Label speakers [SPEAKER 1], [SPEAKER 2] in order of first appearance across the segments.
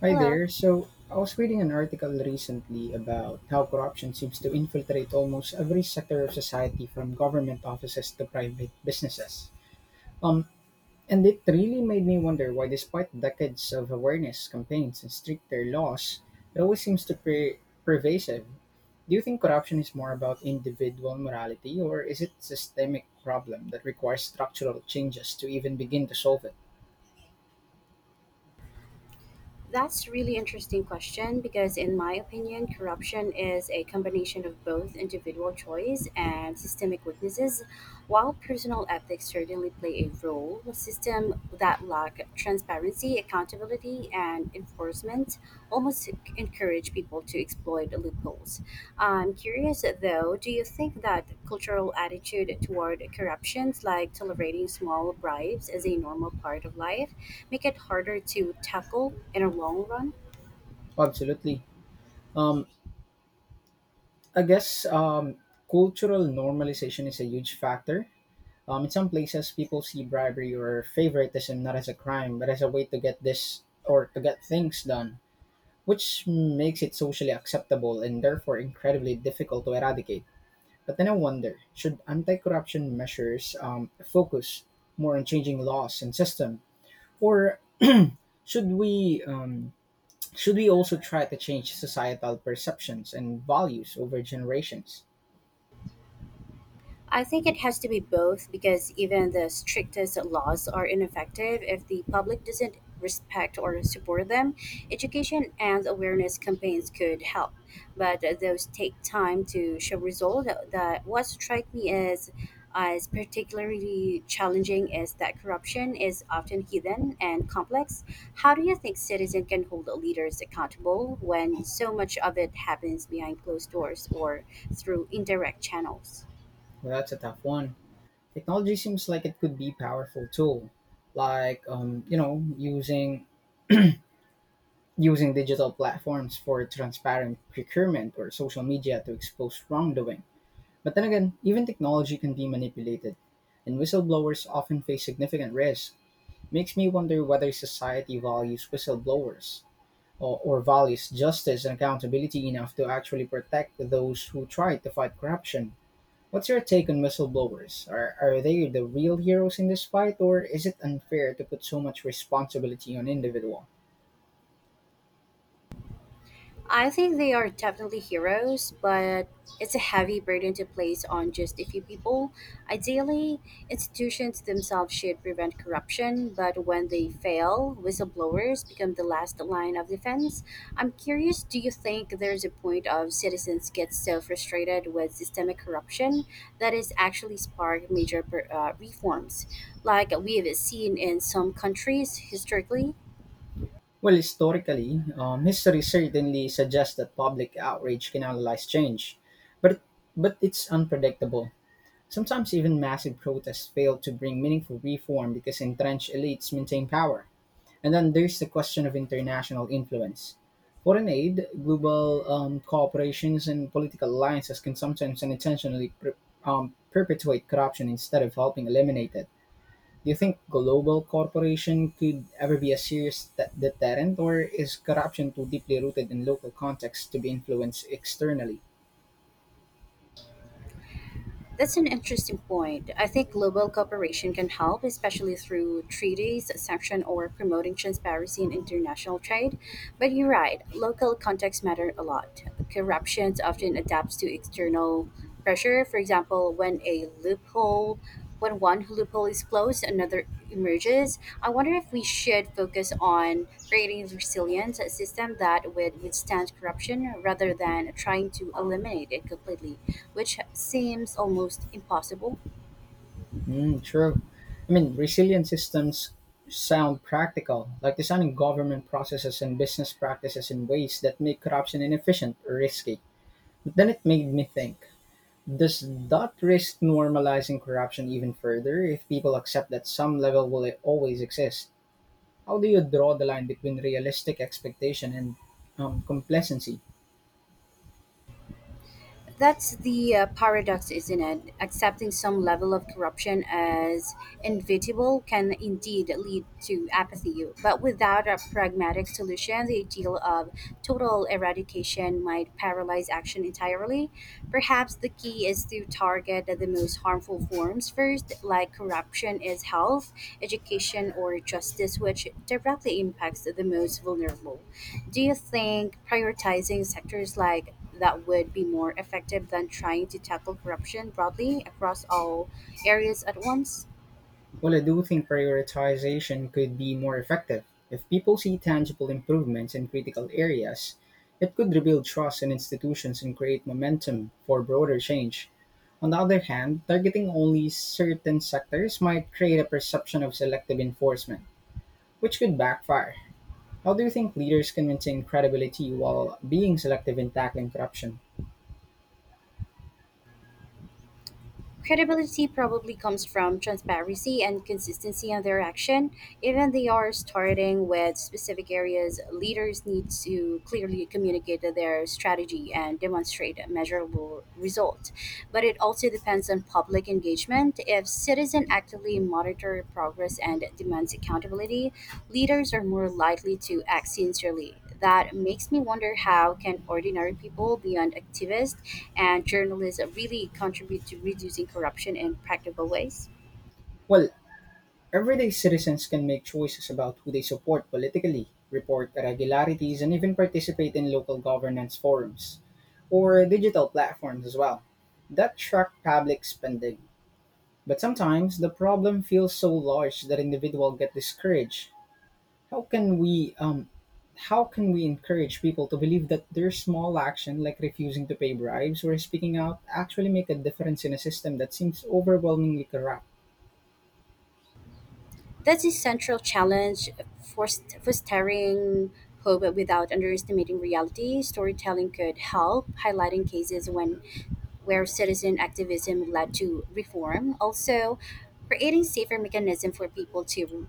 [SPEAKER 1] Hi
[SPEAKER 2] Hello.
[SPEAKER 1] there. So I was reading an article recently about how corruption seems to infiltrate almost every sector of society, from government offices to private businesses. Um, and it really made me wonder why, despite decades of awareness campaigns and stricter laws, it always seems to be pervasive. Do you think corruption is more about individual morality, or is it a systemic problem that requires structural changes to even begin to solve it?
[SPEAKER 2] That's really interesting question because in my opinion, corruption is a combination of both individual choice and systemic weaknesses. While personal ethics certainly play a role, a system that lack transparency, accountability, and enforcement almost encourage people to exploit loopholes. I'm curious though, do you think that cultural attitude toward corruptions, like tolerating small bribes as a normal part of life, make it harder to tackle in the long run?
[SPEAKER 1] Absolutely. Um, I guess cultural normalization is a huge factor. In some places, people see bribery or favoritism not as a crime, but as a way to get this or to get things done, which makes it socially acceptable and therefore incredibly difficult to eradicate. But then I wonder, should anti corruption measures focus more on changing laws and system, or should we? Should we also try to change societal perceptions and values over generations?
[SPEAKER 2] I think it has to be both because even the strictest laws are ineffective if the public doesn't respect or support them. Education and awareness campaigns could help, but those take time to show results. That what strike me as particularly challenging is that corruption is often hidden and complex. How do you think citizens can hold leaders accountable when so much of it happens behind closed doors or through indirect channels?
[SPEAKER 1] Well, that's a tough one. Technology seems like it could be powerful tool, like using digital platforms for transparent procurement or social media to expose wrongdoing. But then again, even technology can be manipulated, and whistleblowers often face significant risk. Makes me wonder whether society values whistleblowers or values justice and accountability enough to actually protect those who try to fight corruption. What's your take on whistleblowers? Are they the real heroes in this fight, or is it unfair to put so much responsibility on individual?
[SPEAKER 2] I think they are definitely heroes, but it's a heavy burden to place on just a few people. Ideally, institutions themselves should prevent corruption, but when they fail, whistleblowers become the last line of defense. I'm curious do you think there's a point of citizens get so frustrated with systemic corruption that is actually spark major reforms, like we've seen in some countries historically?
[SPEAKER 1] Well, historically, history certainly suggests that public outrage canalizes change, but it's unpredictable. Sometimes even massive protests fail to bring meaningful reform because entrenched elites maintain power. And then there's the question of international influence. Foreign aid, global cooperations, and political alliances can sometimes unintentionally perpetuate corruption instead of helping eliminate it. Do you think global corporation could ever be a serious deterrent, or is corruption too deeply rooted in local contexts to be influenced externally?
[SPEAKER 2] That's an interesting point. I think global cooperation can help, especially through treaties, sanction, or promoting transparency in international trade. But you're right, local contexts matter a lot. Corruption often adapts to external pressure. For example, when one loophole is closed, another emerges. I wonder if we should focus on creating resilience, a system that would withstand corruption rather than trying to eliminate it completely, which seems almost impossible.
[SPEAKER 1] Mm, true. I mean, resilient systems sound practical, like designing government processes and business practices in ways that make corruption inefficient or risky. But then it made me think, does that risk normalizing corruption even further if people accept that some level will always exist? How do you draw the line between realistic expectation and complacency?
[SPEAKER 2] That's the paradox, isn't it? Accepting some level of corruption as inevitable can indeed lead to apathy, but without a pragmatic solution, the ideal of total eradication might paralyze action entirely. Perhaps the key is to target the most harmful forms first, like corruption is health, education, or justice, which directly impacts the most vulnerable. Do you think prioritizing sectors like that would be more effective than trying to tackle corruption broadly across all areas at once?
[SPEAKER 1] Well, I do think prioritization could be more effective. If people see tangible improvements in critical areas, it could rebuild trust in institutions and create momentum for broader change. On the other hand, targeting only certain sectors might create a perception of selective enforcement, which could backfire. How do you think leaders can maintain credibility while being selective in tackling corruption?
[SPEAKER 2] Credibility probably comes from transparency and consistency in their action. Even they are starting with specific areas, leaders need to clearly communicate their strategy and demonstrate a measurable result. But it also depends on public engagement. If citizens actively monitor progress and demands accountability, leaders are more likely to act sincerely. That makes me wonder how can ordinary people beyond activists and journalism really contribute to reducing corruption in practical ways.
[SPEAKER 1] Well, everyday citizens can make choices about who they support politically, report irregularities, and even participate in local governance forums or digital platforms as well. That track public spending. But sometimes the problem feels so large that individuals get discouraged. How can we encourage people to believe that their small action, like refusing to pay bribes or speaking out, actually make a difference in a system that seems overwhelmingly corrupt?
[SPEAKER 2] That's a central challenge for fostering hope without underestimating reality. Storytelling could help highlighting cases when where citizen activism led to reform. Also, creating safer mechanism for people to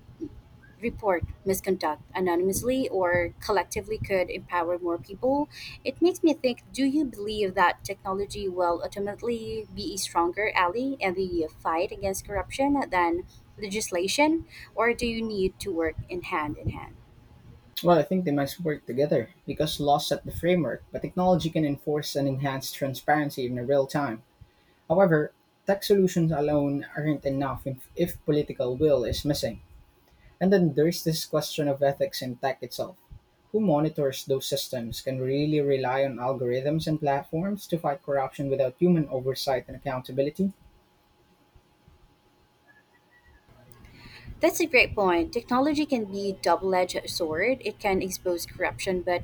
[SPEAKER 2] report misconduct anonymously or collectively could empower more people. It makes me think do you believe that technology will ultimately be a stronger ally in the fight against corruption than legislation, or do you need to work in hand in hand?
[SPEAKER 1] Well, I think they must work together because laws set the framework, but technology can enforce and enhance transparency in real time. However, tech solutions alone aren't enough if political will is missing. And then there's this question of ethics in tech itself. Who monitors those systems? Can we really rely on algorithms and platforms to fight corruption without human oversight and accountability?
[SPEAKER 2] That's a great point. Technology can be double-edged sword. It can expose corruption, but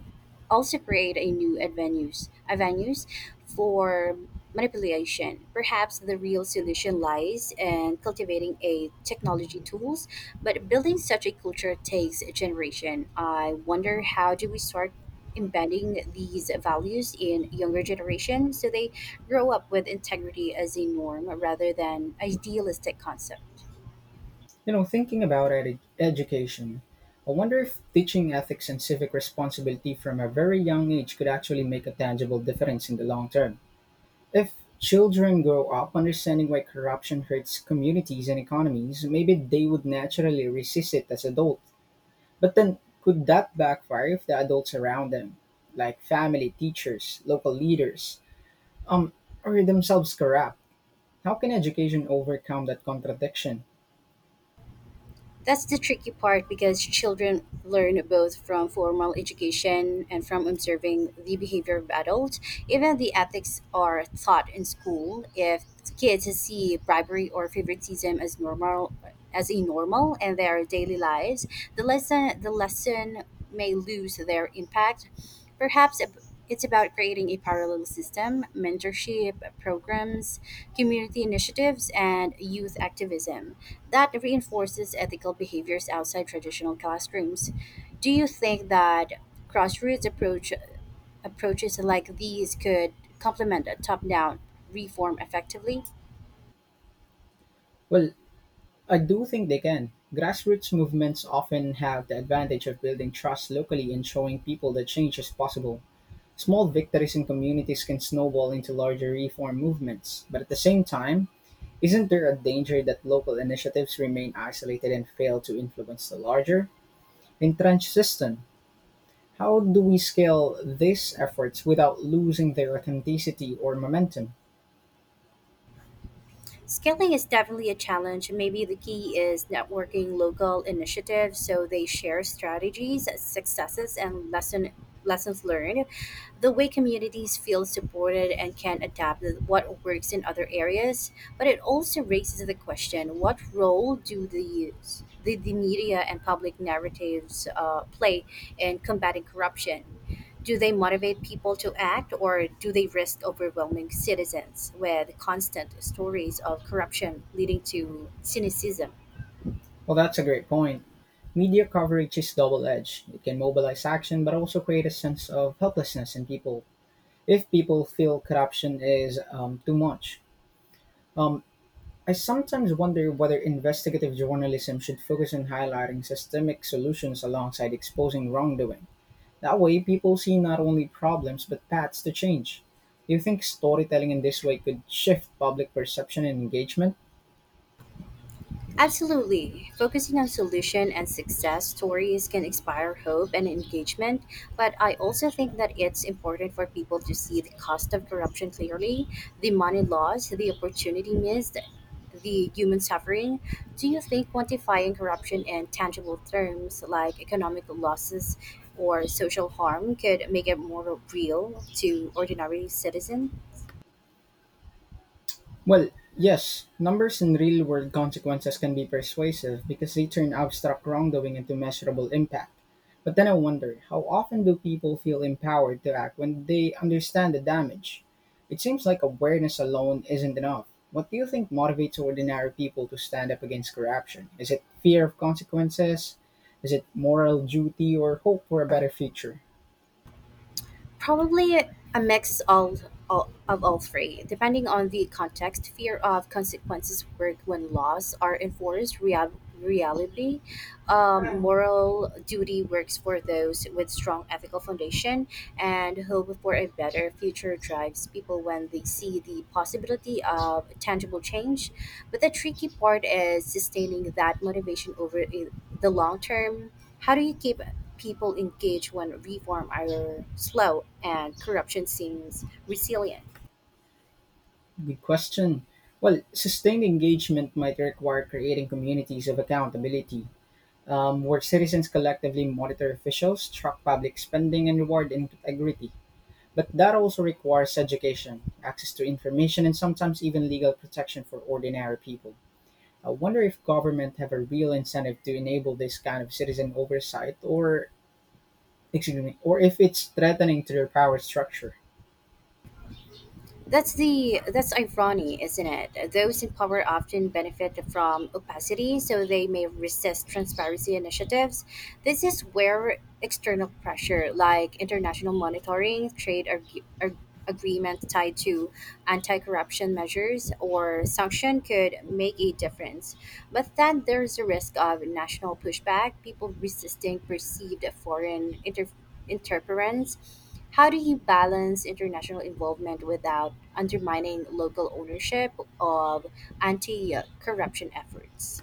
[SPEAKER 2] also create a avenues for manipulation. Perhaps the real solution lies in cultivating a technology tools, but building such a culture takes a generation. I wonder how do we start embedding these values in younger generations so they grow up with integrity as a norm rather than idealistic concept.
[SPEAKER 1] You know, thinking about education, I wonder if teaching ethics and civic responsibility from a very young age could actually make a tangible difference in the long term. If children grow up understanding why corruption hurts communities and economies, maybe they would naturally resist it as adults. But then, could that backfire if the adults around them, like family, teachers, local leaders, um, are themselves corrupt? How can education overcome that contradiction?
[SPEAKER 2] That's the tricky part because children learn both from formal education and from observing the behavior of adults. Even the ethics are taught in school. If kids see bribery or favoritism as a normal in their daily lives, the lesson may lose their impact. Perhaps it's about creating a parallel system, mentorship programs, community initiatives, and youth activism that reinforces ethical behaviors outside traditional classrooms. Do you think that grassroots approach approaches like these could complement a top-down reform effectively?
[SPEAKER 1] Well, I do think they can. Grassroots movements often have the advantage of building trust locally and showing people that change is possible. Small victories in communities can snowball into larger reform movements, but at the same time, isn't there a danger that local initiatives remain isolated and fail to influence the larger, entrenched system? How do we scale these efforts without losing their authenticity or momentum?
[SPEAKER 2] Scaling is definitely a challenge. Maybe the key is networking local initiatives so they share strategies, successes, and lessons learned. The way communities feel supported and can adapt what works in other areas, but it also raises the question: What role do the media and public narratives play in combating corruption? Do they motivate people to act, or do they risk overwhelming citizens with constant stories of corruption leading to cynicism?
[SPEAKER 1] Well, that's a great point. Media coverage is double edged. It can mobilize action, but also create a sense of helplessness in people if people feel corruption is too much. Um, I sometimes wonder whether investigative journalism should focus on highlighting systemic solutions alongside exposing wrongdoing. That way, people see not only problems but paths to change. Do you think storytelling in this way could shift public perception and engagement?
[SPEAKER 2] Absolutely. Focusing on solution and success stories can inspire hope and engagement, but I also think that it's important for people to see the cost of corruption clearly, the money lost, the opportunity missed, the human suffering. Do you think quantifying corruption in tangible terms like economic losses or social harm could make it more real to ordinary citizen?
[SPEAKER 1] Well, yes, numbers and real world consequences can be persuasive because they turn abstract wrongdoing into measurable impact. But then I wonder, how often do people feel empowered to act when they understand the damage? It seems like awareness alone isn't enough. What do you think motivates ordinary people to stand up against corruption? Is it fear of consequences? Is it moral duty or hope for a better future?
[SPEAKER 2] Probably a mix of all three, depending on the context. Fear of consequences work when laws are enforced. Reality, moral duty works for those with strong ethical foundation, and hope for a better future drives people when they see the possibility of tangible change. But the tricky part is sustaining that motivation over the long term how do you keep people engaged when reform are slow and corruption seems resilient?
[SPEAKER 1] Good question. Well, sustained engagement might require creating communities of accountability, where citizens collectively monitor officials, track public spending, and reward integrity. But that also requires education, access to information, and sometimes even legal protection for ordinary people. I wonder if government have a real incentive to enable this kind of citizen oversight, or excuse me, or if it's threatening to their power structure.
[SPEAKER 2] That's irony, isn't it? Those in power often benefit from opacity, so they may resist transparency initiatives. This is where external pressure, like international monitoring, agreements tied to anti-corruption measures or sanction, could make a difference. But then there's a risk of national pushback, people resisting perceived foreign interference. How do you balance international involvement without undermining local ownership of anti corruption efforts.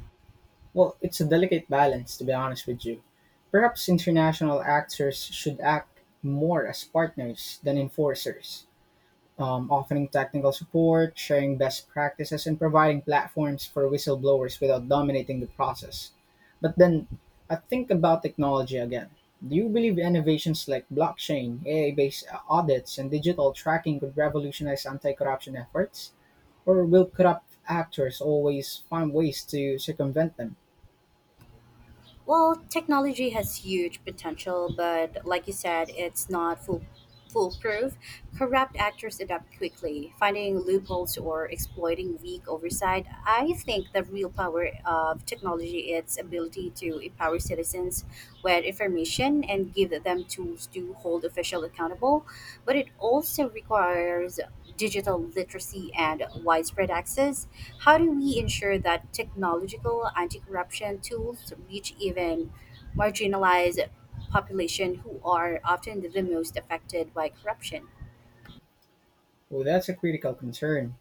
[SPEAKER 1] Well, it's a delicate balance, to be honest with you. Perhaps international actors should act more as partners than enforcers, offering technical support, sharing best practices, and providing platforms for whistleblowers without dominating the process. But then I think about technology again. Do you believe innovations like blockchain, AI based audits, and digital tracking could revolutionize anti corruption efforts? Or will corrupt actors always find ways to circumvent them?
[SPEAKER 2] Well, technology has huge potential, but like you said, it's not full, foolproof. Corrupt actors adapt quickly, finding loopholes or exploiting weak oversight. I think the real power of technology is its ability to empower citizens with information and give them tools to hold officials accountable, but it also requires digital literacy and widespread access. How do we ensure that technological anti corruption tools reach even marginalized population who are often the most affected by corruption?
[SPEAKER 1] Well, that's a critical concern.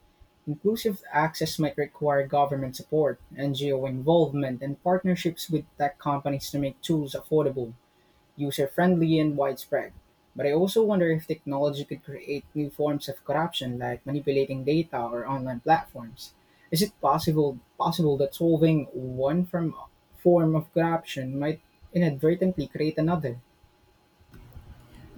[SPEAKER 1] Inclusive access might require government support, NGO involvement, and partnerships with tech companies to make tools affordable, user friendly, and widespread. But I also wonder if technology could create new forms of corruption like manipulating data or online platforms. Is it possible that solving one from form of corruption might inadvertently create another?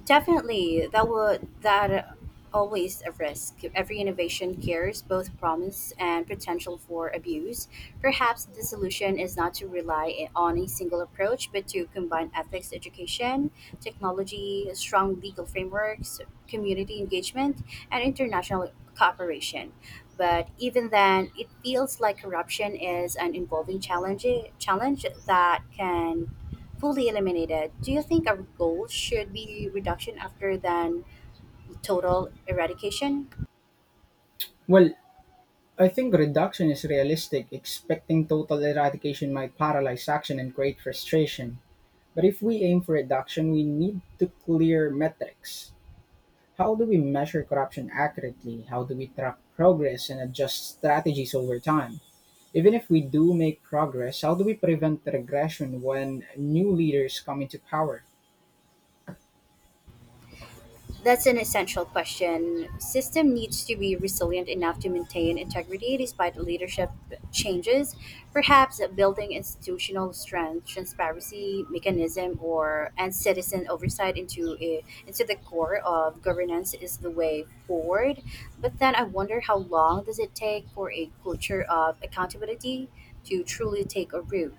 [SPEAKER 2] Definitely, that always a risk. Every innovation carries both promise and potential for abuse. Perhaps the solution is not to rely on a single approach, but to combine ethics education, technology, strong legal frameworks, community engagement, and international cooperation. But even then, it feels like corruption is an involving challenge that can fully eliminated, do you think our goal should be reduction after than total eradication?
[SPEAKER 1] Well, I think reduction is realistic. Expecting total eradication might paralyze action and create frustration. But if we aim for reduction, we need to clear metrics. How do we measure corruption accurately? How do we track progress and adjust strategies over time? Even if we do make progress, how do we prevent regression when new leaders come into power?
[SPEAKER 2] That's an essential question. System needs to be resilient enough to maintain integrity despite leadership changes. Perhaps building institutional strength, transparency mechanism, or and citizen oversight into the core of governance is the way forward. But then I wonder how long does it take for a culture of accountability to truly take a root?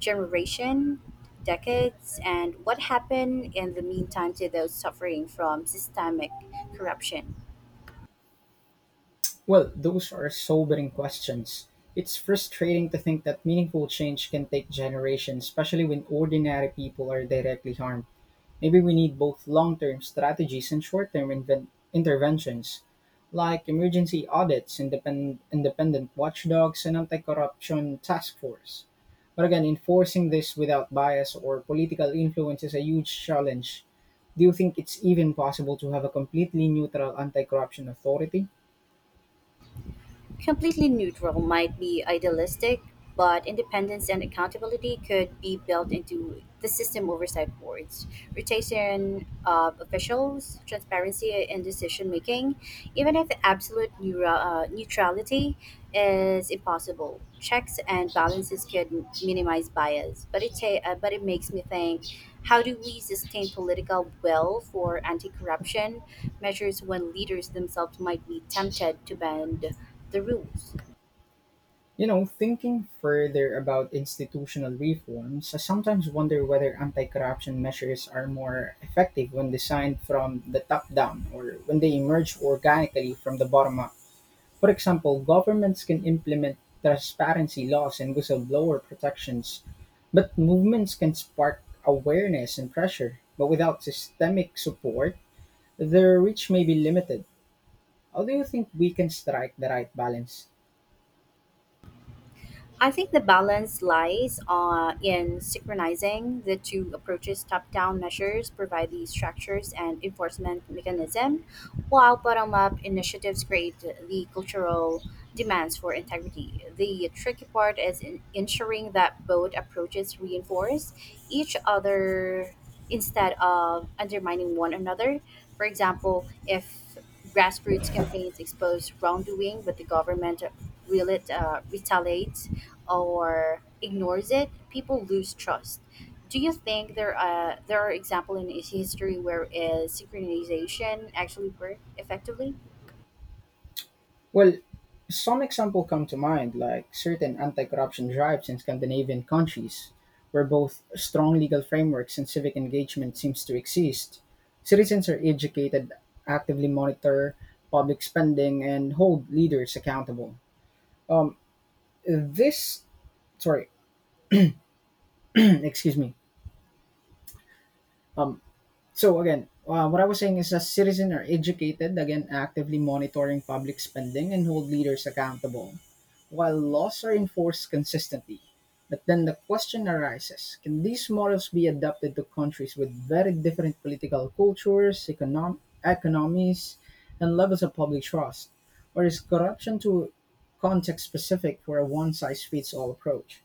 [SPEAKER 2] Generation decades, and what happened in the meantime to those suffering from systemic corruption.
[SPEAKER 1] Well, those are sobering questions. It's frustrating to think that meaningful change can take generations, especially when ordinary people are directly harmed. Maybe we need both long term strategies and short term interventions, like emergency audits, independent watchdogs, and anti corruption task force. But again, enforcing this without bias or political influence is a huge challenge. Do you think it's even possible to have a completely neutral anti corruption authority?
[SPEAKER 2] Completely neutral might be idealistic, but independence and accountability could be built into the system oversight boards, rotation of officials, transparency in decision making, even if absolute neutrality is impossible. Checks and balances could minimize bias, but but it makes me think: How do we sustain political will for anti-corruption measures when leaders themselves might be tempted to bend the rules?
[SPEAKER 1] You know, thinking further about institutional reforms, I sometimes wonder whether anti corruption measures are more effective when designed from the top down or when they emerge organically from the bottom up. For example, governments can implement transparency laws and whistleblower protections, but movements can spark awareness and pressure. But without systemic support, their reach may be limited. How do you think we can strike the right balance?
[SPEAKER 2] I think the balance lies in synchronizing the two approaches. Top down measures provide the structures and enforcement mechanism, while bottom up initiatives create the cultural demands for integrity. The tricky part is in ensuring that both approaches reinforce each other instead of undermining one another. For example, if grassroots campaigns expose wrongdoing, but the government really retaliates or ignores it, people lose trust. Do you think there are examples in history where synchronization actually worked effectively?
[SPEAKER 1] Well, some example come to mind, like certain anti-corruption drives in Scandinavian countries, where both strong legal frameworks and civic engagement seems to exist. Citizens are educated, actively monitor public spending, and hold leaders accountable. Um, this, sorry, excuse me. Um, what I was saying is that citizens are educated, again, actively monitoring public spending and hold leaders accountable, while laws are enforced consistently. But then the question arises, can these models be adapted to countries with very different political cultures, economies, and levels of public trust? Or is corruption too context specific for a one size fits all approach?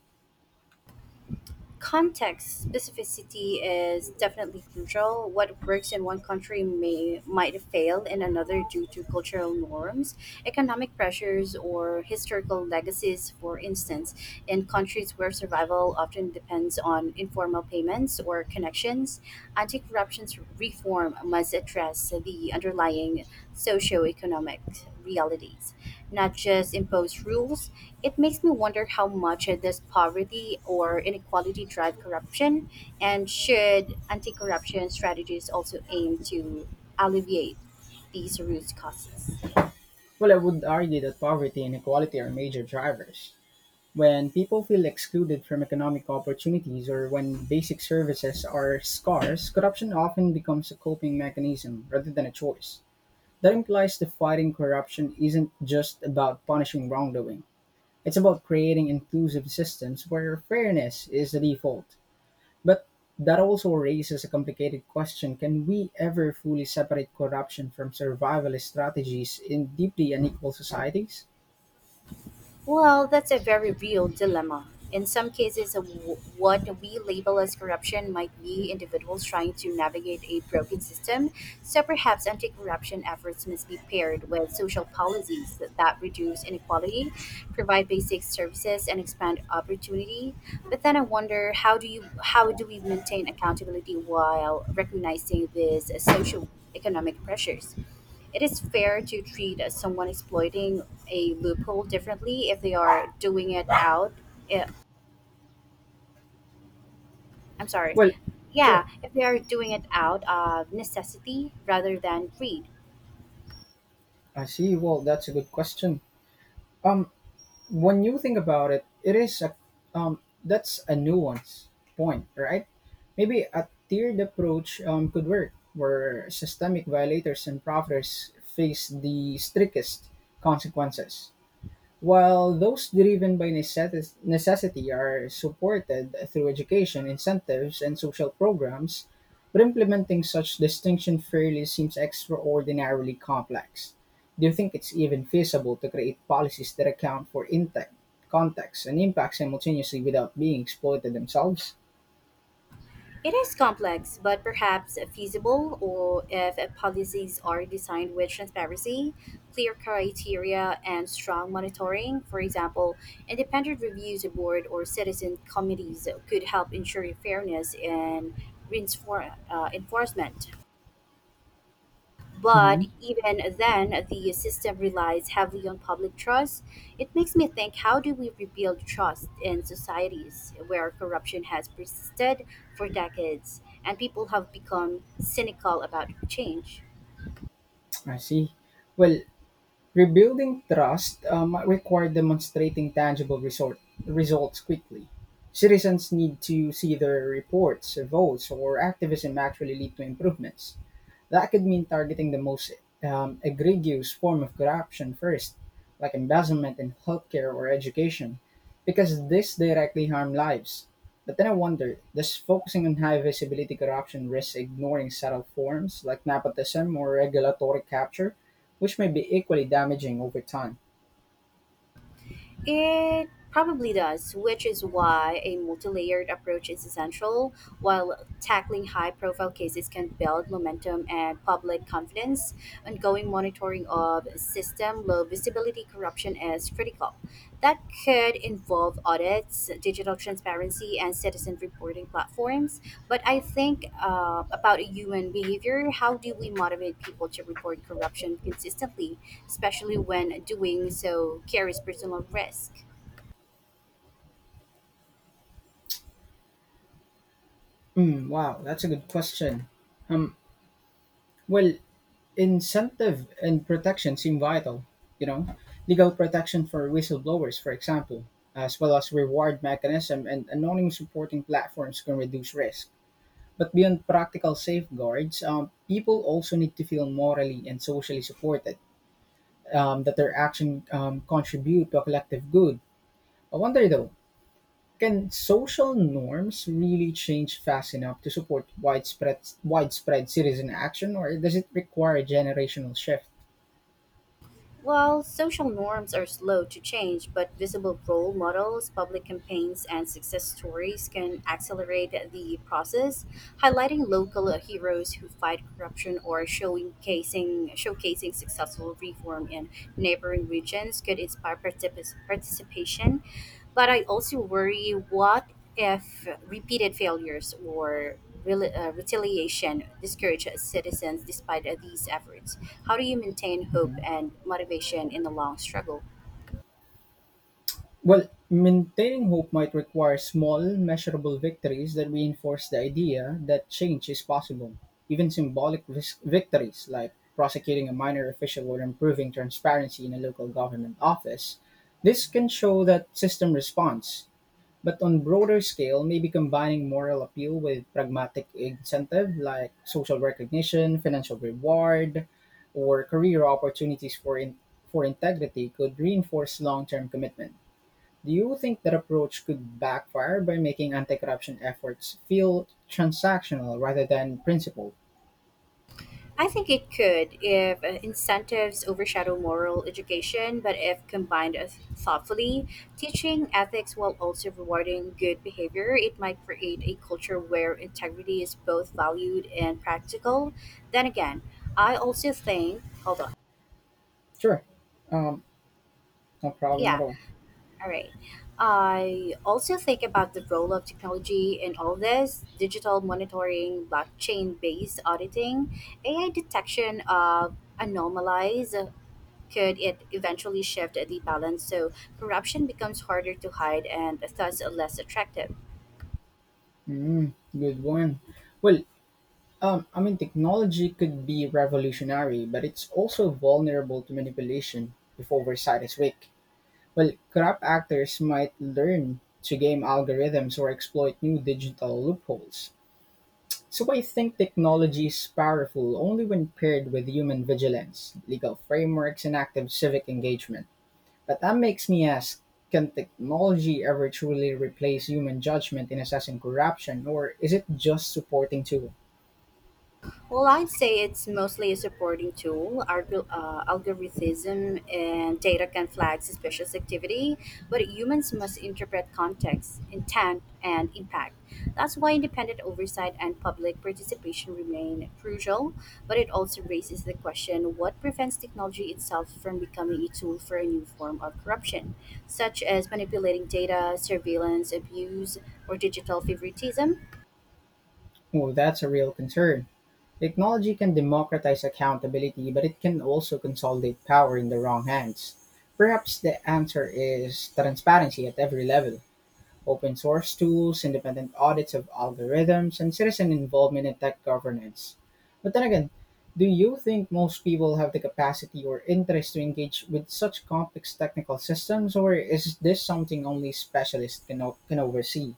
[SPEAKER 2] Context specificity is definitely crucial. What works in one country may might fail in another due to cultural norms, economic pressures, or historical legacies. For instance, in countries where survival often depends on informal payments or connections, anti-corruption reform must address the underlying socio-economic realities not just impose rules. It makes me wonder how much does poverty or inequality drive corruption, and should anti corruption strategies also aim to alleviate these root causes?
[SPEAKER 1] Well, I would argue that poverty and inequality are major drivers. When people feel excluded from economic opportunities or when basic services are scarce, corruption often becomes a coping mechanism rather than a choice. That implies that fighting corruption isn't just about punishing wrongdoing. It's about creating inclusive systems where fairness is the default. But that also raises a complicated question, can we ever fully separate corruption from survivalist strategies in deeply unequal societies?
[SPEAKER 2] Well, that's a very real dilemma. In some cases, what we label as corruption might be individuals trying to navigate a broken system, so perhaps anti corruption efforts must be paired with social policies that reduce inequality, provide basic services, and expand opportunity. But then I wonder how do we maintain accountability while recognizing these social economic pressures? It is fair to treat as someone exploiting a loophole differently if they are doing it out. eh, I'm sorry.
[SPEAKER 1] Well,
[SPEAKER 2] Yeah,
[SPEAKER 1] sure.
[SPEAKER 2] if they are doing it out of necessity rather than greed.
[SPEAKER 1] I see. Well, that's a good question. Um, when you think about it, it is a that's a nuanced point, right? Maybe a tiered approach could work, where systemic violators and profiteers face the strictest consequences, while those driven by necessity are supported through education, incentives, and social programs, but implementing such distinction fairly seems extraordinarily complex. Do you think it's even feasible to create policies that account for intent, context, and impact simultaneously without being exploited themselves?
[SPEAKER 2] It is complex, but perhaps feasible, or if policies are designed with transparency, clear criteria, and strong monitoring. For example, independent reviews board or citizen committees could help ensure fairness in enforcement. But
[SPEAKER 1] Hmm.
[SPEAKER 2] even then, the system relies heavily on public trust. It makes me think how do we rebuild trust in societies where corruption has persisted for decades and people have become cynical about change?
[SPEAKER 1] I see. Well, rebuilding trust might require demonstrating tangible results quickly. Citizens need to see their reports, votes, or activism actually lead to improvements. That could mean targeting the most egregious form of corruption first, like embezzlement in healthcare or education, because this directly harm lives. But then I wonder, does focusing on high visibility corruption risk ignoring subtle forms like nepotism or regulatory capture, which may be equally damaging over time?
[SPEAKER 2] It probably does, which is why a multi layered approach is essential. While tackling high profile cases can build momentum and public confidence, ongoing monitoring of system low visibility corruption is critical. That could involve audits, digital transparency, and citizen reporting platforms. But I think about human behavior how do we motivate people to report corruption consistently, especially when doing so carries personal risk?
[SPEAKER 1] Mm, wow, that's a good question. Um, well, incentive and protection seem vital, you know, legal protection for whistleblowers, for example, as well as reward mechanism and anonymous reporting platforms can reduce risk. But beyond practical safeguards, people also need to feel morally and socially supported, that their action contribute to a collective good. I wonder though, can social norms really change fast enough to support widespread citizen action, or does it require a generational shift?
[SPEAKER 2] While social norms are slow to change, but visible role models, public campaigns, and success stories can accelerate the process, highlighting local heroes who fight corruption or showcasing successful reform in neighboring regions could inspire participation but I also worry what if repeated failures or retaliation discourage citizens despite these efforts? How do you maintain hope
[SPEAKER 1] Mhm.
[SPEAKER 2] and motivation in the long struggle?
[SPEAKER 1] Well, maintaining hope might require small, measurable victories that reinforce the idea that change is possible. Even symbolic victories, like prosecuting a minor official or improving transparency in a local government office, this can show that system response. But on broader scale, maybe combining moral appeal with pragmatic incentive like social recognition, financial reward, or career opportunities for integrity could reinforce long-term commitment. Do you think that approach could backfire by making anti-corruption efforts feel transactional rather than principled?
[SPEAKER 2] I think it could if incentives overshadow moral education, but if combined thoughtfully, teaching ethics while also rewarding good behavior, it might create a culture where integrity is both valued and practical. Then again, I also think, hold on.
[SPEAKER 1] Sure. Um, no problem at
[SPEAKER 2] Yeah,
[SPEAKER 1] all.
[SPEAKER 2] all right. I also think about the role of technology in all this digital monitoring, blockchain based auditing, AI detection of anomalies. Could it eventually shift the balance so corruption becomes harder to hide and thus less attractive?
[SPEAKER 1] Mm, good one. Well, I mean, technology could be revolutionary, but it's also vulnerable to manipulation if oversight is weak. Well, corrupt actors might learn to game algorithms or exploit new digital loopholes. So I think technology is powerful only when paired with human vigilance, legal frameworks, and active civic engagement. But that makes me ask, can technology ever truly replace human judgment in assessing corruption, or is it just supporting tool?
[SPEAKER 2] Well, I'd say it's mostly a supporting tool. Algorithm and data can flag suspicious activity, but humans must interpret context, intent, and impact. That's why independent oversight and public participation remain crucial, but it also raises the question what prevents technology itself from becoming a tool for a new form of corruption, such as manipulating data, surveillance, abuse, or digital favoritism?
[SPEAKER 1] Oh, that's a real concern. Technology can democratize accountability, but it can also consolidate power in the wrong hands. Perhaps the answer is transparency at every level: open source tools, independent audits of algorithms, and citizen involvement in tech governance. But then again, do you think most people have the capacity or interest to engage with such complex technical systems, or is this something only specialists can oversee?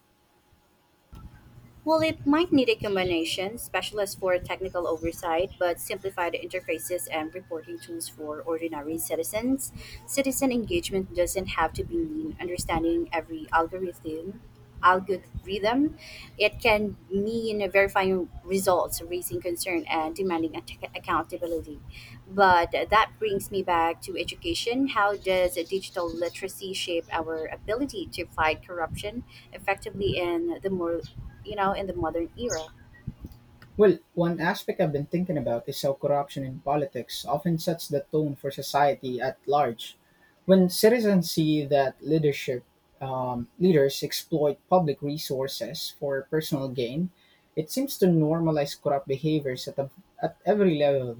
[SPEAKER 2] Well, it might need a combination, specialists for technical oversight, but simplified interfaces and reporting tools for ordinary citizens. Citizen engagement doesn't have to mean understanding every algorithm. Algorithm, it can me in verifying results, raising concern, and demanding accountability. But that brings me back to education. How does digital literacy shape our ability to fight corruption effectively in the more, you know, in the modern era?
[SPEAKER 1] Well, one aspect I've been thinking about is how corruption in politics often sets the tone for society at large. When citizens see that leaders exploit public resources for personal gain, it seems to normalize corrupt behaviors at every level,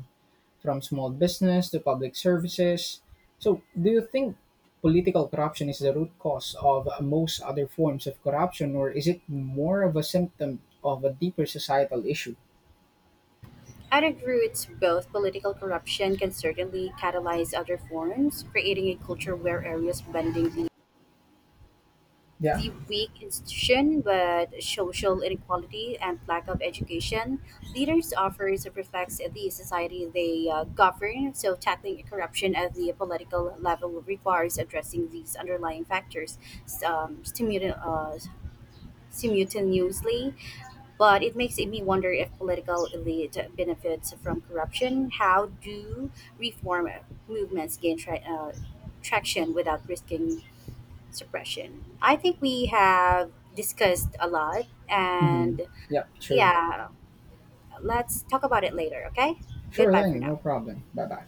[SPEAKER 1] from small business to public services. So, do you think political corruption is the root cause of most other forms of corruption, or is it more of a symptom of a deeper societal issue?
[SPEAKER 2] At its roots, both political corruption can certainly catalyze other forms, creating a culture where areas bending
[SPEAKER 1] Yeah.
[SPEAKER 2] the weak institution but social inequality and lack of education leaders offers reflects the society they govern so tackling corruption at the political level requires addressing these underlying factors um, simu- uh, simultaneously but it makes me wonder if political elite benefits from corruption how do reform movements gain traction without risking suppression. I think we have discussed a lot,
[SPEAKER 1] Hmm.
[SPEAKER 2] and
[SPEAKER 1] Yep. Sure.
[SPEAKER 2] yeah, let's talk about it later, okay?
[SPEAKER 1] Sure
[SPEAKER 2] Goodbye for
[SPEAKER 1] thing.
[SPEAKER 2] now.
[SPEAKER 1] No problem. Bye bye.